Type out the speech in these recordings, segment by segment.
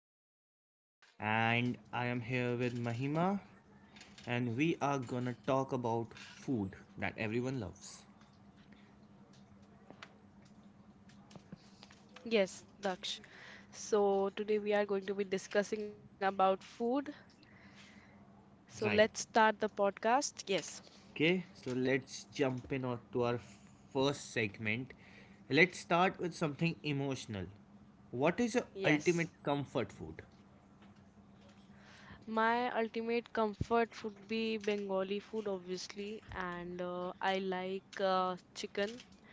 Daksh, and I am here with Mahima, and we are gonna talk about food that everyone loves. Yes, Daksh. So today we are going to be discussing about food. So let's Right. start the podcast. Yes, Okay, so let's jump in on to our first segment. Let's start with something emotional. What is your yes. ultimate comfort food? My ultimate comfort would be Bengali food, obviously, and I like chicken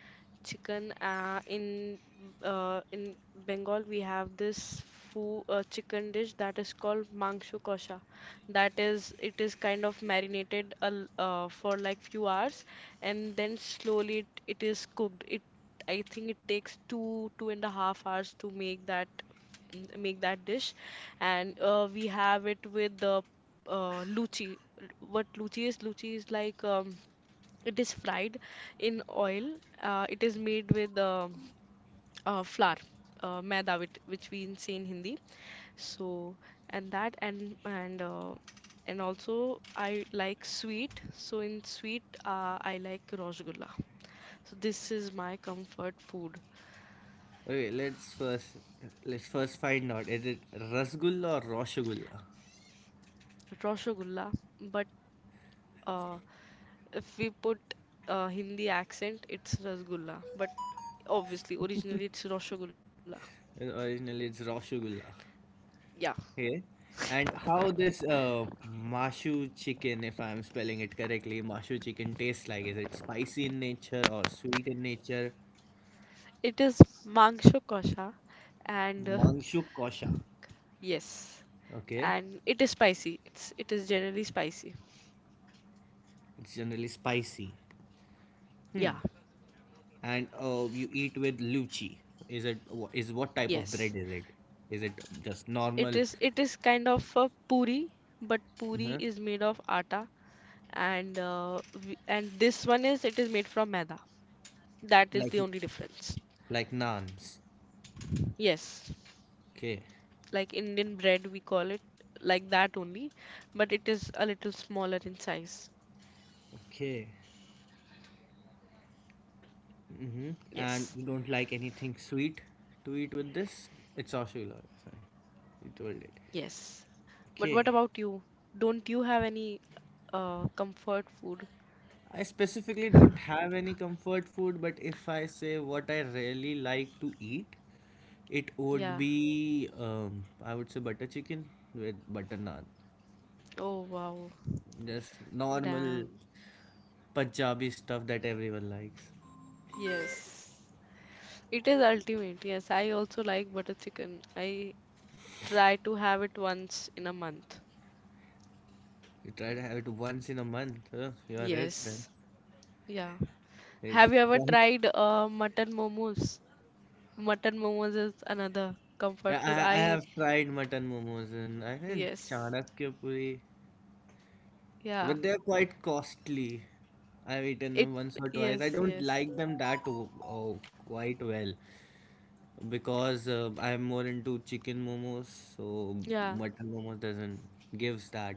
chicken. In Bengal, we have this foo chicken dish that is called mangshu kosha. That is, it is kind of marinated a l for like few hours, and then slowly it is cooked. It I think it takes 2.5 hours to make that make that dish, and we have it with the luchi. What luchi is, luchi is like it is fried in oil. It is made with flour, maida, which, we say in Hindi. So, and that and also I like sweet. So in sweet, I like rasgulla. So this is my comfort food, Okay, let's first find out. Is it rasgulla or roshagulla? rasgulla. But uh, if we put Hindi accent, it's rasgulla. But obviously, originally it's rasgulla. And originally, it's roshagulla. Yeah. Okay. And how this mashu chicken, if I'm spelling it correctly, mashu chicken tastes like? Is it spicy in nature or sweet in nature? It is Mangsho Kosha, and Mangshu kosha. yes, Okay. and it is spicy. It is generally spicy. It's generally spicy. Yeah, And you eat with luchi. Is what type yes. of bread is it? Is it just normal, It is kind of a puri, but puri is uh made of atta, and uh, and this one is it is made from maida. That is the like only difference. Naans? Yes, Okay. like Indian bread, we call it like that only, but it is a little smaller in size. Okay. Hmm. And Yes. you don't like anything sweet to eat with this? It's Oshulo. Sorry, you told it. Yes. But what about Okay. you? Don't you have any comfort food? I specifically don't have any comfort food, but if I say what I really like to eat, it would Yeah. be I would say butter chicken with butter naan. Oh, wow. Just normal Damn. Punjabi stuff that everyone likes. Yes. It is ultimate. Yes. I also like butter chicken. I try to have it once in a month. You try to have it once in a month. Huh? You are rich then. Yes. Yeah. It's Have you ever quite. tried mutton momos? Mutton momos is another comfort food. Yeah, I have tried mutton momos in I think Yes. Chanakya, Yeah. but they're quite costly. I've eaten It, them once or twice. I yes, don't yes. like them that oh, quite well because I'm more into chicken momos, so Yeah, mutton momos doesn't gives that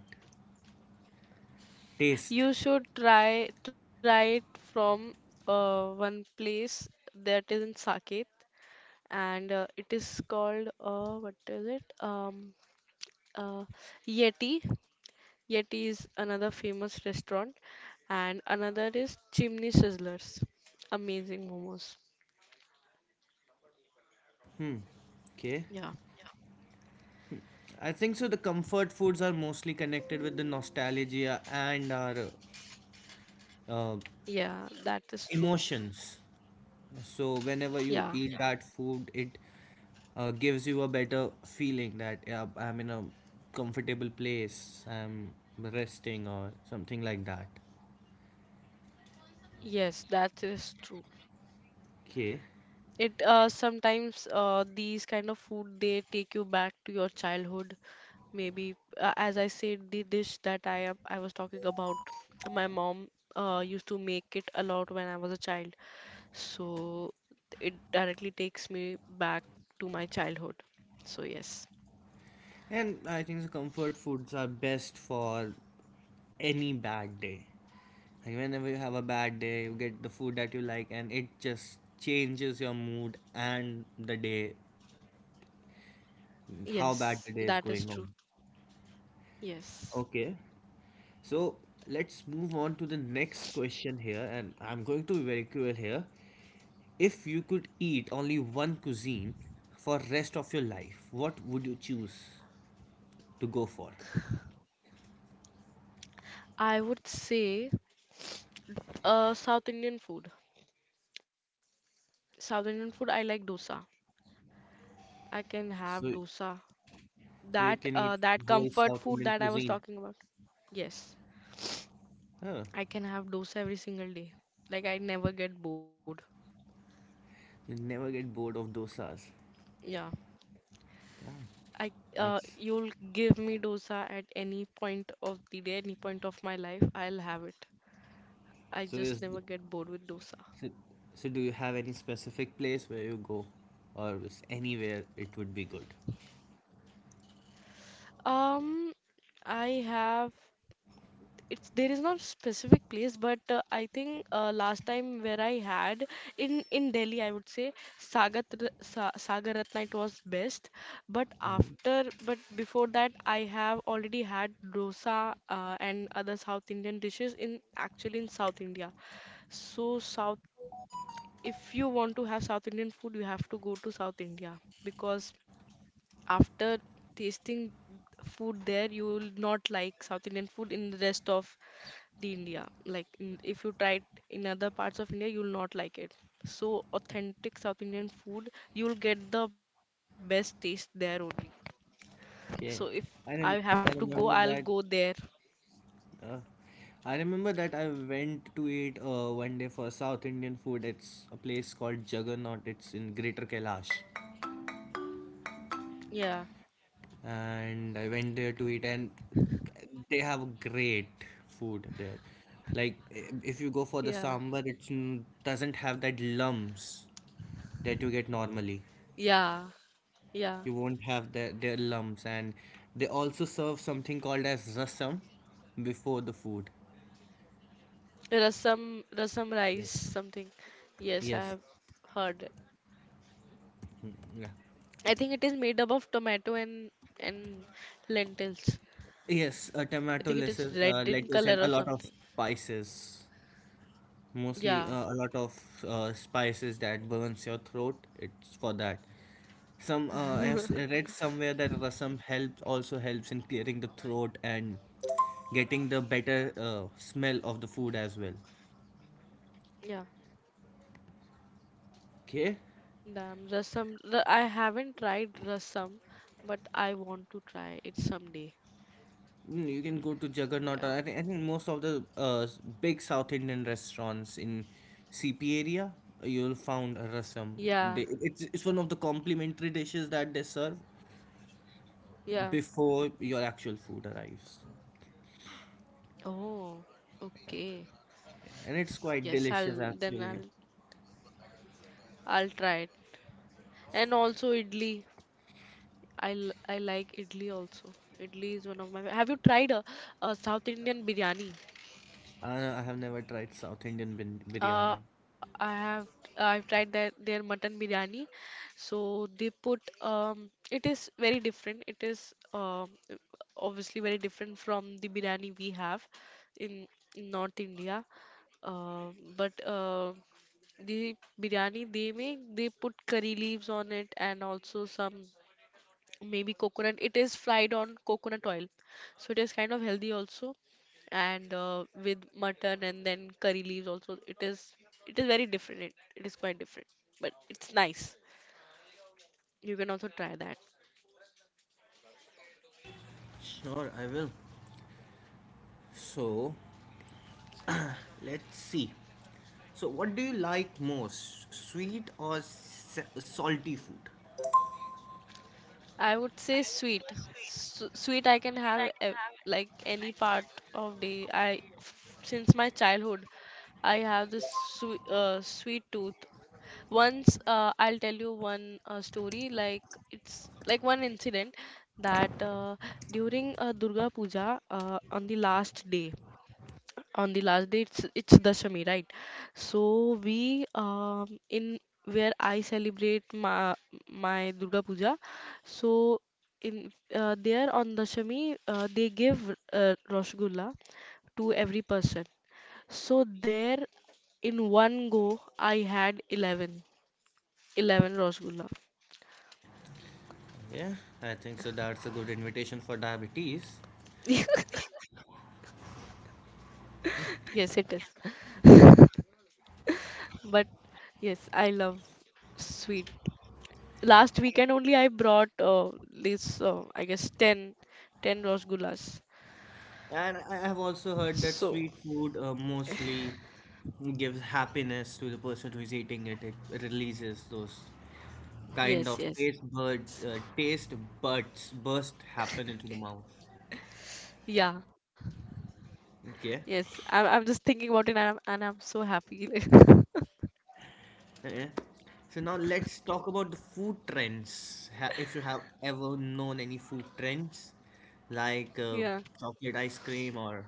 you taste. should try it from one place that is in Saket. And it is called, what is it? Uh, Yeti. Yeti is another famous restaurant, and another is Chimney Sizzlers. Amazing momos. Hmm. Okay. Yeah, I think so. The comfort foods are mostly connected with the nostalgia and our uh, yeah, that is true. emotions. So whenever you Yeah, eat that food, it gives you a better feeling that yeah, I'm in a comfortable place, I'm resting or something like that. yes, that is true. Okay. It Sometimes these kind of food, they take you back to your childhood. Maybe as I said, the dish that I was talking about, my mom used to make it a lot when I was a child. So it directly takes me back to my childhood. So yes. And I think the comfort foods are best for any bad day. Like whenever you have a bad day, you get the food that you like, and it just changes your mood and the day, how Yes, bad the day that is is true. going on. Yes. Okay. So let's move on to the next question here, and I'm going to be very cruel here. If you could eat only one cuisine for rest of your life, what would you choose to go for? I would say South Indian food. South Indian food, I like dosa. I can have So, dosa. so you That can uh eat that whole comfort South food Indian that I was cuisine. talking about. Yes. Huh? I can have dosa every single day. Like, I never get bored. You never get bored of dosas. Yeah. Damn, I that's You'll give me dosa at any point of the day, any point of my life, I'll have it. I so. just never get bored with dosa. so, so do you have any specific place where you go, or is anywhere it would be good? Um, I have it's there is not specific place, but I think last time where I had, in Delhi, I would say Sagat R- Sa Sagar Ratna it was best. But Mhm. after but before that, I have already had dosa and other South Indian dishes, in actually in South India. So South if you want to have South Indian food, you have to go to South India, because after tasting food there, you will not like South Indian food in the rest of the India. Like, if you try it in other parts of India, you will not like it. So authentic South Indian food, you will get the best taste there only. So if Okay, I have I to rem go, I I'll go remember there. that Uh, I remember that I went to eat one day for South Indian food. It's a place called Juggernaut. It's in Greater Kailash. Yeah, And I went there to eat, and they have great food there. Like, if yeah, you go for the sambar, it doesn't have that lumps that you get normally. yeah, yeah. You won't have their lumps. And they also serve something called as rasam before the food. Rasam, rasam rice, something. Yes. Yes, I have Yes. heard it. Yeah. I think it is made up of tomato and and lentils. I Yes, think it is tomato, red in lettuce, color or something. and a lot of spices. Yeah, Mostly a lot of spices that burns your throat. It's for that. Some I have read somewhere that rasam helps also helps in clearing the throat and getting the better smell of the food as well. yeah. Okay. Damn, rasam. I haven't tried rasam, but I want to try it someday. You can go to Yeah, Juggernaut, or I think, most of the big South Indian restaurants in CP area, you'll find a yeah, rasam. It's one of the complimentary dishes that they serve yeah. before your actual food arrives. Oh, okay. And Yes, it's I'll quite then delicious, actually. I'll try it. And also idli. I like idli also. Idli is one of my. Have you tried South Indian biryani? I have never tried South Indian biryani. I have, I've tried that their mutton biryani. So they put, it is very different. It is, obviously very different from the biryani we have in in North India. Uh, but the biryani they make, they put curry leaves on it, and also some maybe coconut. It is fried on coconut oil, so it is kind of healthy also. And with mutton and then curry leaves also, it is very different. It is quite different, but it's nice. You can also try that. Sure, I will. So, let's see. So, what do you like most? Sweet or salty food? I would say sweet. Sweet, I can have, like, any part of day. Since my childhood, I have this sweet, sweet tooth. Once, I'll tell you one story, like, it's like one incident, that during Durga Puja, on the last day, it's Dashami, right? So we, in where I celebrate my Durga Puja, so in there on Dashami, they give Rasgulla to every person. So there, in one go, I had 11 Rosgulla. Yeah, I think so. That's a good invitation for diabetes. Yes, it is. But yes, I love sweet. Last weekend only, I brought this, I guess, ten ten 10 Rosgullas. And I have also So, heard that sweet food mostly gives happiness to the person who is eating it. It releases those kind of yes, yes. Taste buds burst happen into the mouth. Yeah, yes. Okay. I'm just thinking about it, and I'm so happy. Yeah. So now let's talk about the food trends. If you have ever known any food trends, like Yeah. chocolate ice cream or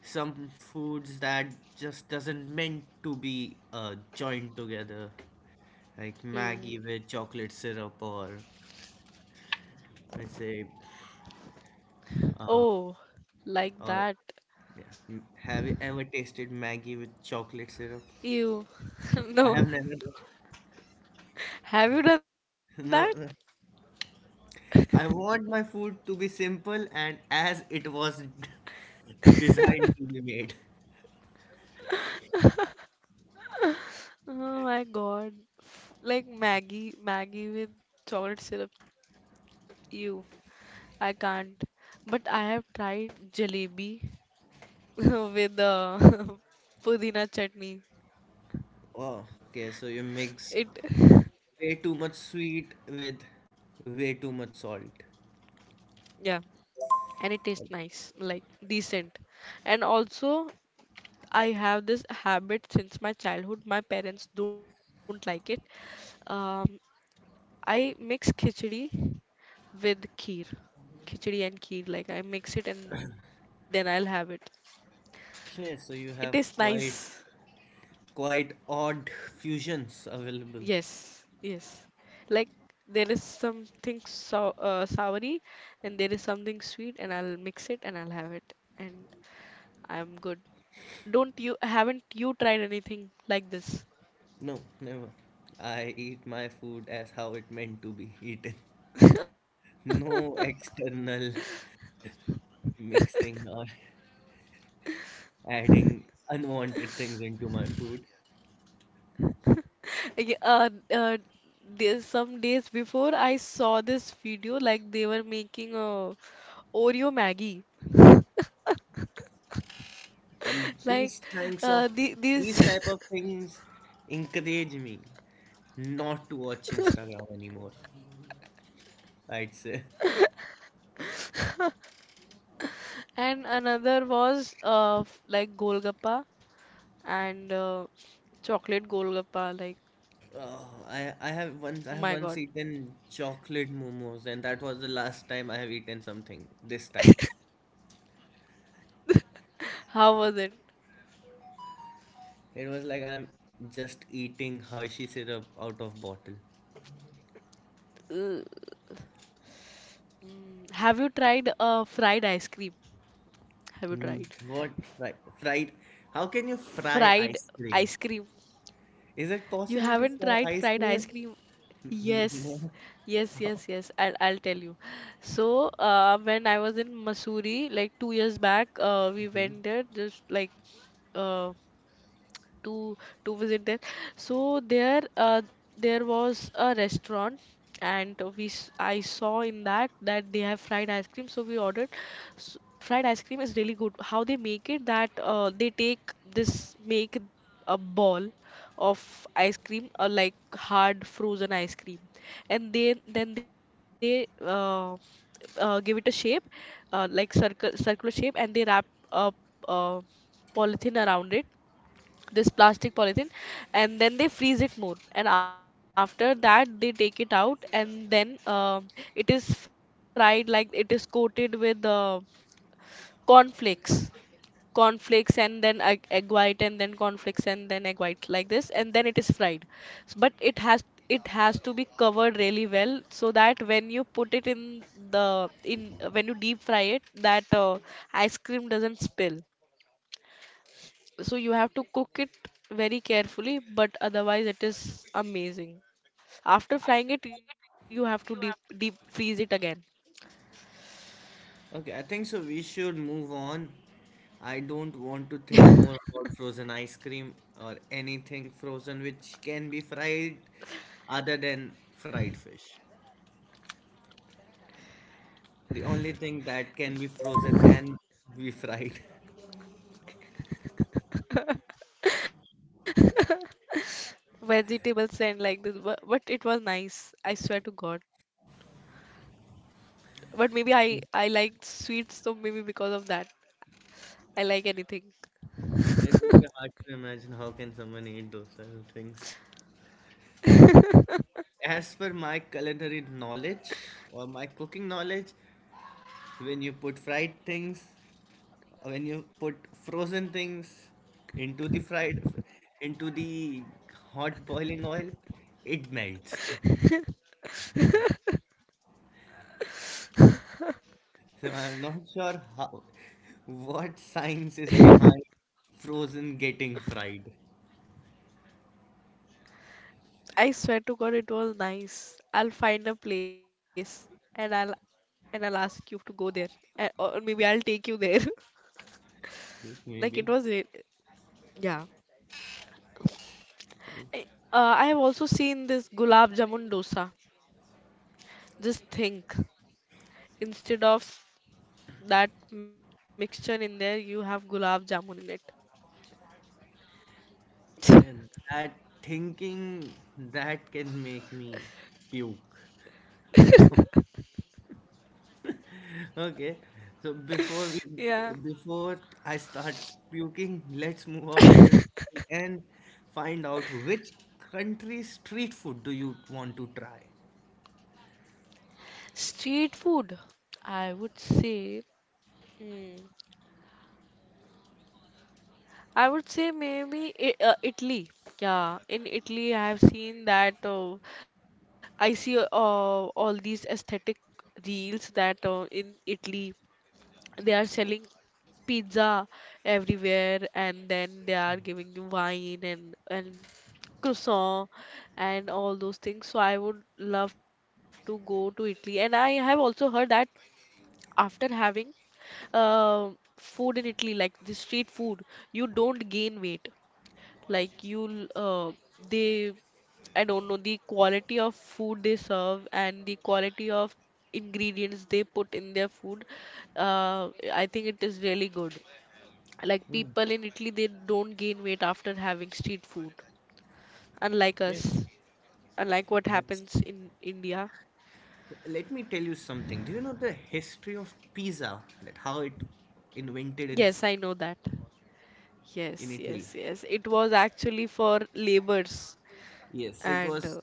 some foods that just doesn't meant to be joined together like maggie Mm. with chocolate syrup, or let's say uh, Oh, like or that. Have you ever tasted maggie with chocolate syrup? Ew. I No. have never. Have you done No, no. I want my food to be simple and as it was designed that? to be made. Oh my God. Like, Maggie, Maggie with chocolate syrup. You, I can't. But I have tried jalebi with pudina chutney. Oh, okay, so you mixed It, way too much sweet with way too much salt. yeah, and it tastes nice, like, decent. And also, I have this habit since my childhood. My parents don't like it. Um, I mix khichdi with kheer. Khichdi and kheer, like, I mix it and then I'll have it. It Okay, so tastes you have nice. quite odd fusions available. Yes, yes. Like, there is something so soury, and there is something sweet, and I'll mix it and I'll have it and I'm good. Don't you Haven't you tried anything like this? No, never. I eat my food as how it meant to be eaten. No external mixing or adding unwanted things into my food. Yeah, there's some days before, I saw this video, like, they were making a Oreo Maggie. And Like, the, these these type of things encourage me not to watch Instagram anymore. I'd say. and another was, like, Golgappa and chocolate golgappa. Like, Oh, I have my once God, eaten chocolate momos and that was the last time I have eaten something this type. how was it? It was like I'm just eating Hershey syrup out of bottle. Uh, mm, have you tried fried ice cream? Have you tried What fry? Fried? How can you fry fried ice cream? ice cream? Is it You possible to haven't fry tried ice fried ice cream? cream? Yes, Never. yes, How? yes, yes. I'll tell you. So, when I was in Missouri, like, 2 years back, we Mhm. went there just like. uh, to to visit there. So there, there was a restaurant, and we, I saw in that that they have fried ice cream, so we ordered. S Fried ice cream is really good. How they make it, that they take this, make a ball of ice cream, or like, hard frozen ice cream, and they then they give it a shape, like, circle circular shape, and they wrap a uh, polythene around it, this plastic polythene, and then they freeze it more, and after that they take it out, and then it is fried, like, it is coated with cornflakes cornflakes and then egg, white, and then cornflakes and then egg white, like this, and then it is fried. But it has, it has to be covered really well so that when you put it in, the in when you deep fry it, that ice cream doesn't spill. So you have to cook it very carefully, but otherwise it is amazing. After frying it, you have to deep freeze it again. Okay, I think so. We should move on. I don't want to think more about frozen ice cream or anything frozen which can be fried other than fried fish. The only thing that can be frozen and be fried. Vegetables and like this, but, it was nice. I swear to God. But maybe I like sweets, so maybe because of that, I like anything. It would be hard to imagine how can someone eat those type of things. As per my culinary knowledge or my cooking knowledge, when you put fried things, when you put frozen things into the fried, into the hot boiling oil, it melts. So I'm not sure how, what science is behind frozen getting fried. I swear to God, it was nice. I'll find a place, and I'll ask you to go there, and, or maybe I'll take you there. Like, it Maybe. was, yeah. I, I have also seen this gulab jamun dosa. Just think, instead of that mixture in there, you have gulab jamun in And that thinking that can make me puke now. it. Okay. So before we Yeah. before I start puking, let's move out to this topic and find out which country street food do you want to try? Street food, I would say. mm, I would say maybe I Italy. Yeah, in Italy, I have seen that. I see all these aesthetic reels that in Italy, they are selling pizza everywhere, and then they are giving you wine and croissant and all those things. So I would love to go to Italy, and I have also heard that after having uh, food in Italy, like the street food, you don't gain weight. Like, you, they, I don't know, the quality of food they serve and the quality of ingredients they put in their food, I think it is really good. Like Hmm. people in Italy, they don't gain weight after having street food, unlike Yeah. us, unlike what That's, happens in India. Let me tell you something. Do you know the history of pizza? That how it invented in Yes, I know that. in Yes, Italy? yes, yes. It was actually for labors Yes, It and was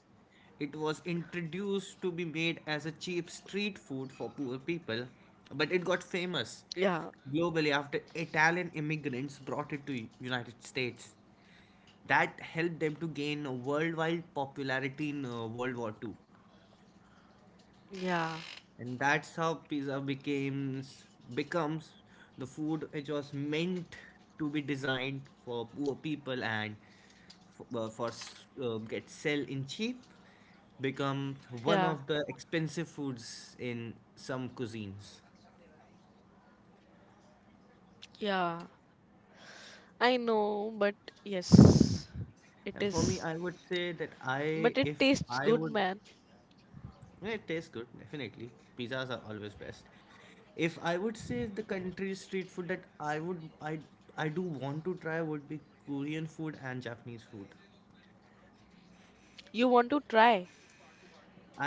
it was introduced to be made as a cheap street food for poor people, but it got famous yeah, globally after Italian immigrants brought it to United States. That helped them to gain a worldwide popularity in World War II, yeah, and that's how pizza becomes becomes the food which was meant to be designed for poor people and for, get sell in cheap become one of the yeah, expensive foods in some cuisines. yeah. I know, but yes, it And for me, is. I would say that I But it if I tastes would. good, man. Yeah, it tastes good, definitely. Pizzas are always best. If I would say the country street food that I would I do want to try would be Korean food and Japanese food. You want to try?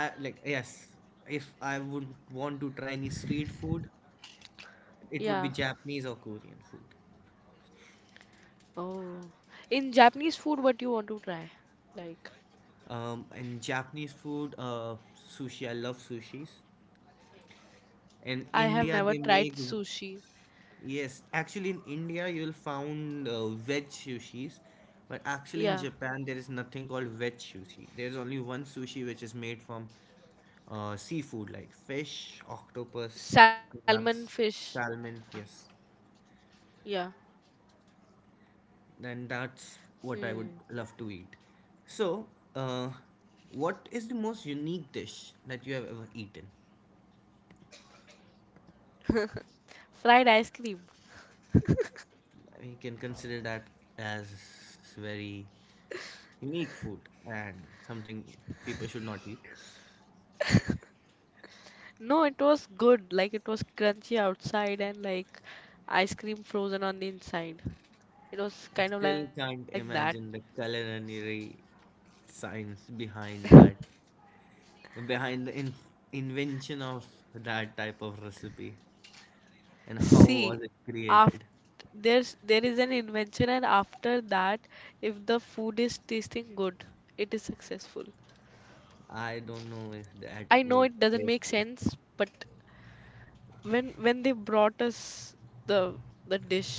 I like yes, if I would want to try any street food, it would be Japanese Yeah. or Korean food. Oh. In Japanese food, what you want to try? Like, And Japanese food, sushi. I love sushis. In India, they I have make. never tried sushi. Yes, actually in India you'll find veg sushis, but actually in Japan there is Yeah. nothing called veg sushi. There's only one sushi which is made from seafood like fish, octopus, Salmon crabs, fish. salmon. Yes, Yeah. and that's what I would Hmm. love to eat. So, uh, what is the most unique dish that you have ever eaten? Fried ice cream. I you can consider that as very unique food and something people should not eat. No, it was good. Like, it was crunchy outside and like ice cream frozen on the inside. It was I kind of still like that. can't imagine the culinary science behind that, behind the invention of that type of recipe and how was it See, after created. there is an invention, and after that, if the food is tasting good, it is successful. I don't know if that I would know it taste doesn't make good. sense, but when they brought us the the dish,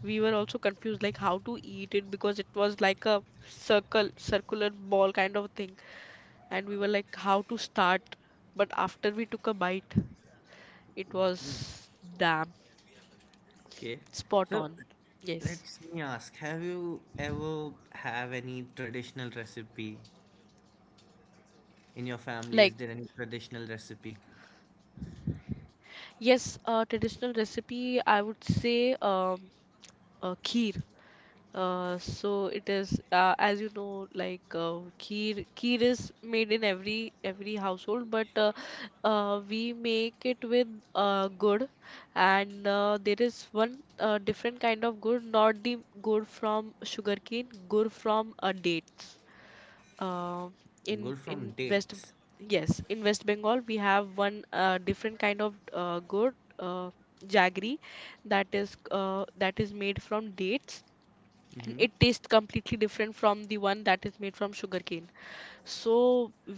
we were also confused like how to eat it because it was like a circular ball kind of thing, and we were like how to start. But after we took a bite, it Hmm. was damn Okay. spot So on. let Yes. me ask, have you ever have any traditional recipe in your family? Is Like there any traditional recipe? yes, traditional recipe, I would say kheer. So it is, as you know, like kheer. Kheer is made in every household, but we make it with good, and there is one different kind of good, not the good from sugarcane, good from dates, uh, in Good from West, dates. yes, in West Bengal we have one different kind of good, jaggery, that is that is made from dates, and Mm-hmm. it tastes completely different from the one that is made from sugarcane. So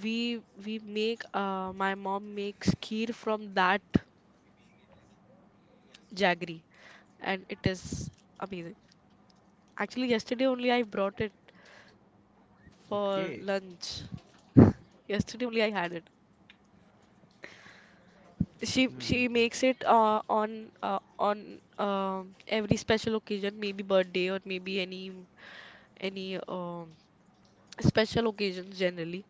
we we make, my mom makes kheer from that jaggery, and it is amazing. Actually yesterday only I brought it for Okay. lunch, yesterday only I had it. She Hmm. she makes it on every special occasion, maybe birthday or maybe any any special occasions generally.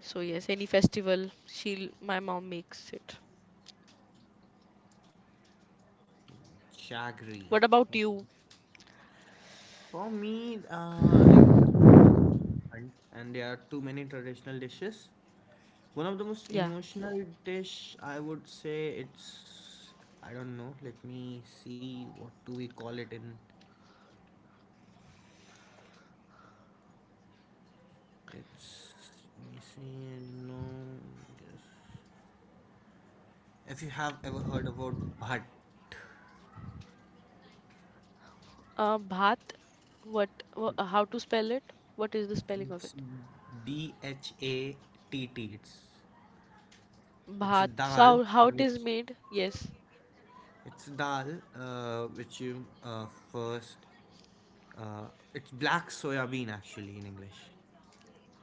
So yes, any festival, she'll my mom makes it. Chagri. What about you? For me, like, and there are too many traditional dishes. One of the most Yeah. emotional dish, I would say it's, I don't know. Let me see. What do we call it in? It's. Let me see. No. Yes. If you have ever heard about bhat, Bhat. What? How to spell it? What is the spelling of it's it? Bhatt. It's a Bhat. So dal how it which is made? Yes. It's dal, which you first. Uh, it's black soya bean actually in English.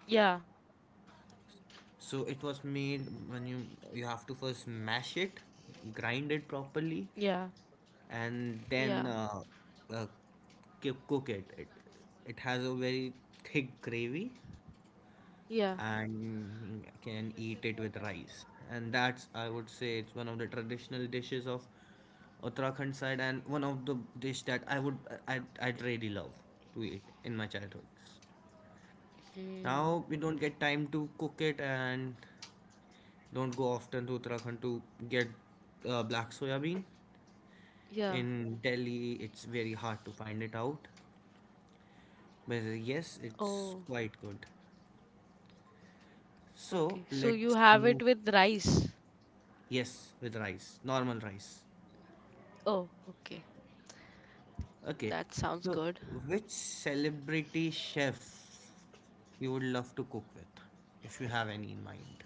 Yeah. So it was made when you have to first mash it, grind it Yeah. properly, Yeah. and then uh, cook it. It has a very thick gravy, Yeah. and can eat it with rice. And that's, I would say, it's one of the traditional dishes of Uttarakhand side and one of the dish that I'd really love to eat in my childhood. Hmm. Now we don't get time to cook it and don't go often to Uttarakhand to get black soya bean. Yeah. In Delhi, it's very hard to find it out. But yes, it's Oh. quite good. So Okay, so you let's have it move. with rice. Yes, with rice, normal rice. Oh, okay. Okay, That sounds so good. which celebrity chef you would love to cook with, if you have any in mind?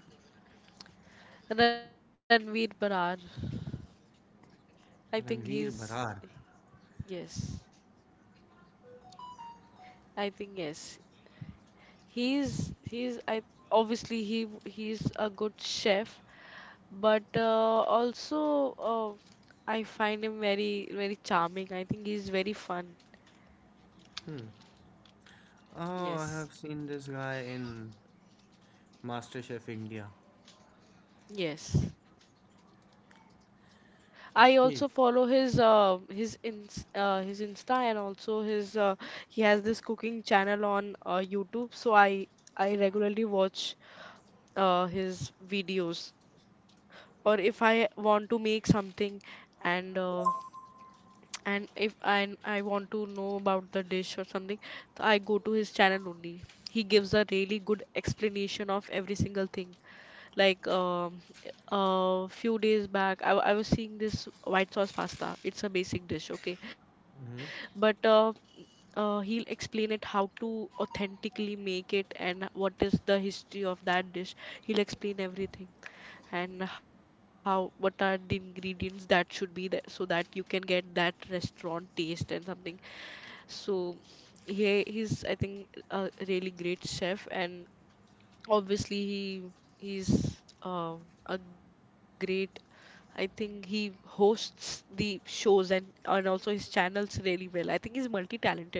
Ranveer Barar. I think Ranveer he's, Bharar. yes. I think yes. He's I obviously he's a good chef, but also I find him very very charming. I think he's very fun. Hmm. Oh, I Yes. have seen this guy in MasterChef India. Yes. I Okay. also follow his, his ins his Insta, and also his, he has this cooking channel on YouTube, so I regularly watch his videos. Or if I want to make something, and uh, and if I want to know about the dish or something, so I go to his channel only. He gives a really good explanation of every single thing. Like, a few days back, I was seeing this white sauce pasta. It's a basic dish, okay? But Mm-hmm. He'll explain it how to authentically make it and what is the history of that dish. He'll explain everything, and how, what are the ingredients that should be there so that you can get that restaurant taste and something. So he's I think a really great chef. And obviously, he's a great, I think he hosts the shows, and also his channels really well. I think he's multi-talented.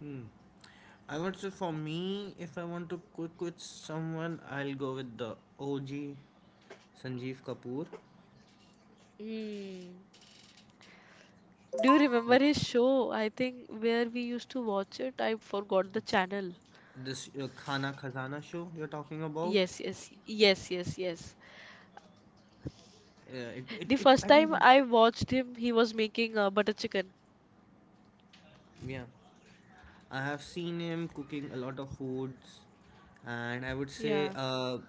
Hmm. I would say for me, if I want to cook with someone, I'll go with the OG Sanjeev Kapoor. Mm. Do you remember his show? I think, where we used to watch it, I forgot the channel. This Khana Khazana show you're talking about. Yes, yes, yes, yes, yes. The first I think, time I watched him, he was making butter chicken. yeah. I have seen him cooking a lot of foods, and Yeah. I would say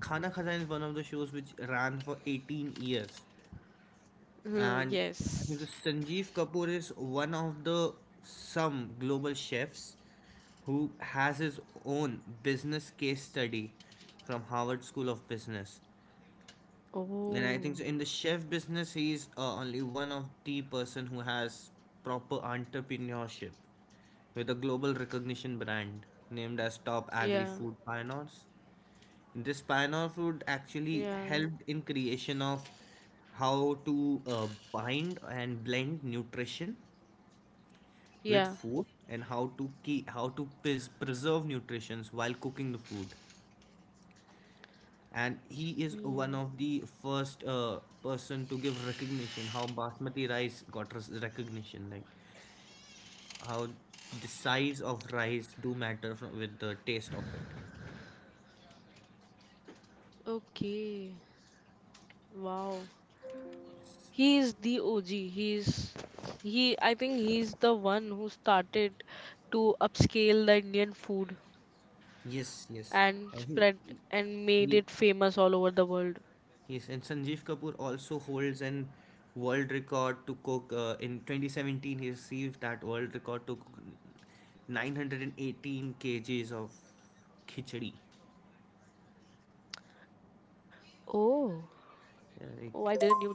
Khana Khazan is one of the shows which ran for 18 years, Hmm, and yes. I think Sanjeev Kapoor is one of the some global chefs who has his own business case study from Harvard School of Business. And I think so Oh, in the chef business, he is only one of the person who has proper entrepreneurship with a global recognition brand named as Top Agri yeah, Food Pioneers. This pioneer food yeah, actually helped in creation of how to bind and blend nutrition with yeah. food and how to keep how to preserve nutrition while cooking the food, and he is one Hmm. of the first person to give recognition how basmati rice got recognition, like how the size of rice do matter from, with the taste of it. Okay. Wow. He is the OG. He, I think he's the one who started to upscale the Indian food Yes, yes, and and spread and made he, it famous all over the world. Sanjeev Kapoor also holds an world record to cook in 2017 he received that world record to cook 918 kgs of khichdi, Oh, oh, I didn't like, knew that.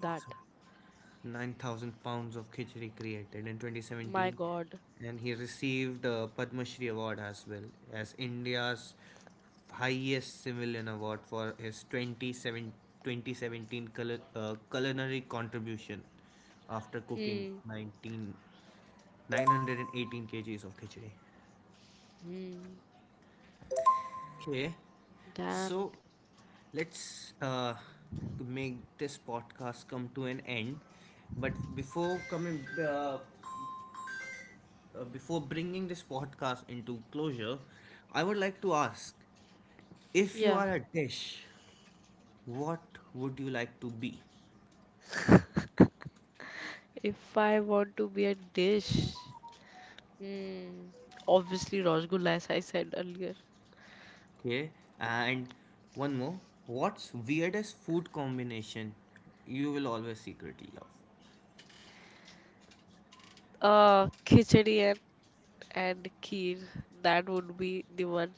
9,000 pounds of khichdi created in My 2017, God. and he received the Padma Shri award as well as India's highest civilian award for his 27 2017 culinary contribution after cooking Hmm. 19 918 kgs of khichdi. Hmm. Okay, Damn. so let's make this podcast come to an end, but before bringing this podcast into closure, I would like to ask, if you Yeah. are a dish, what would you like to be? If I want to be a dish, hmm, obviously Rasgulla, as I said earlier. Okay, and one more, what's weirdest food combination you will always secretly love? Khichdi and Kheer. That would be the one.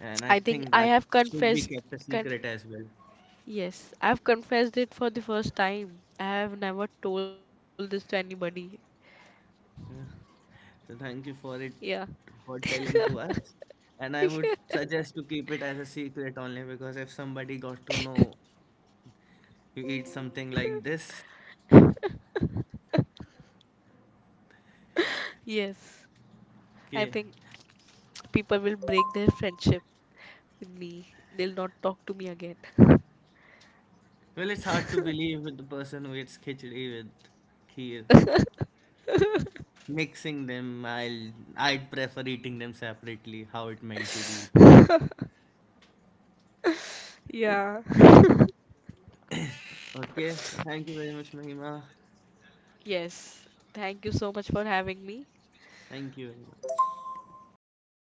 And I I think think I that have should be confessed. kept a Con secret as well. Yes, I've confessed it for the first time. I have never told this to anybody. Yeah. So thank you for it Yeah. for telling to us. And I would suggest to keep it as a secret only because if somebody got to know you eat something like this, Yes, I okay. think people will break their friendship with me. They'll not talk to me again. Well, it's hard to believe with the person who eats khichdi with kheer. Mixing them, I'd prefer eating them separately, how it meant to be eaten. Yeah. Okay, thank you very much, Mahima. Yes. Thank you so much for having me. Thank you. Thank you. Bye.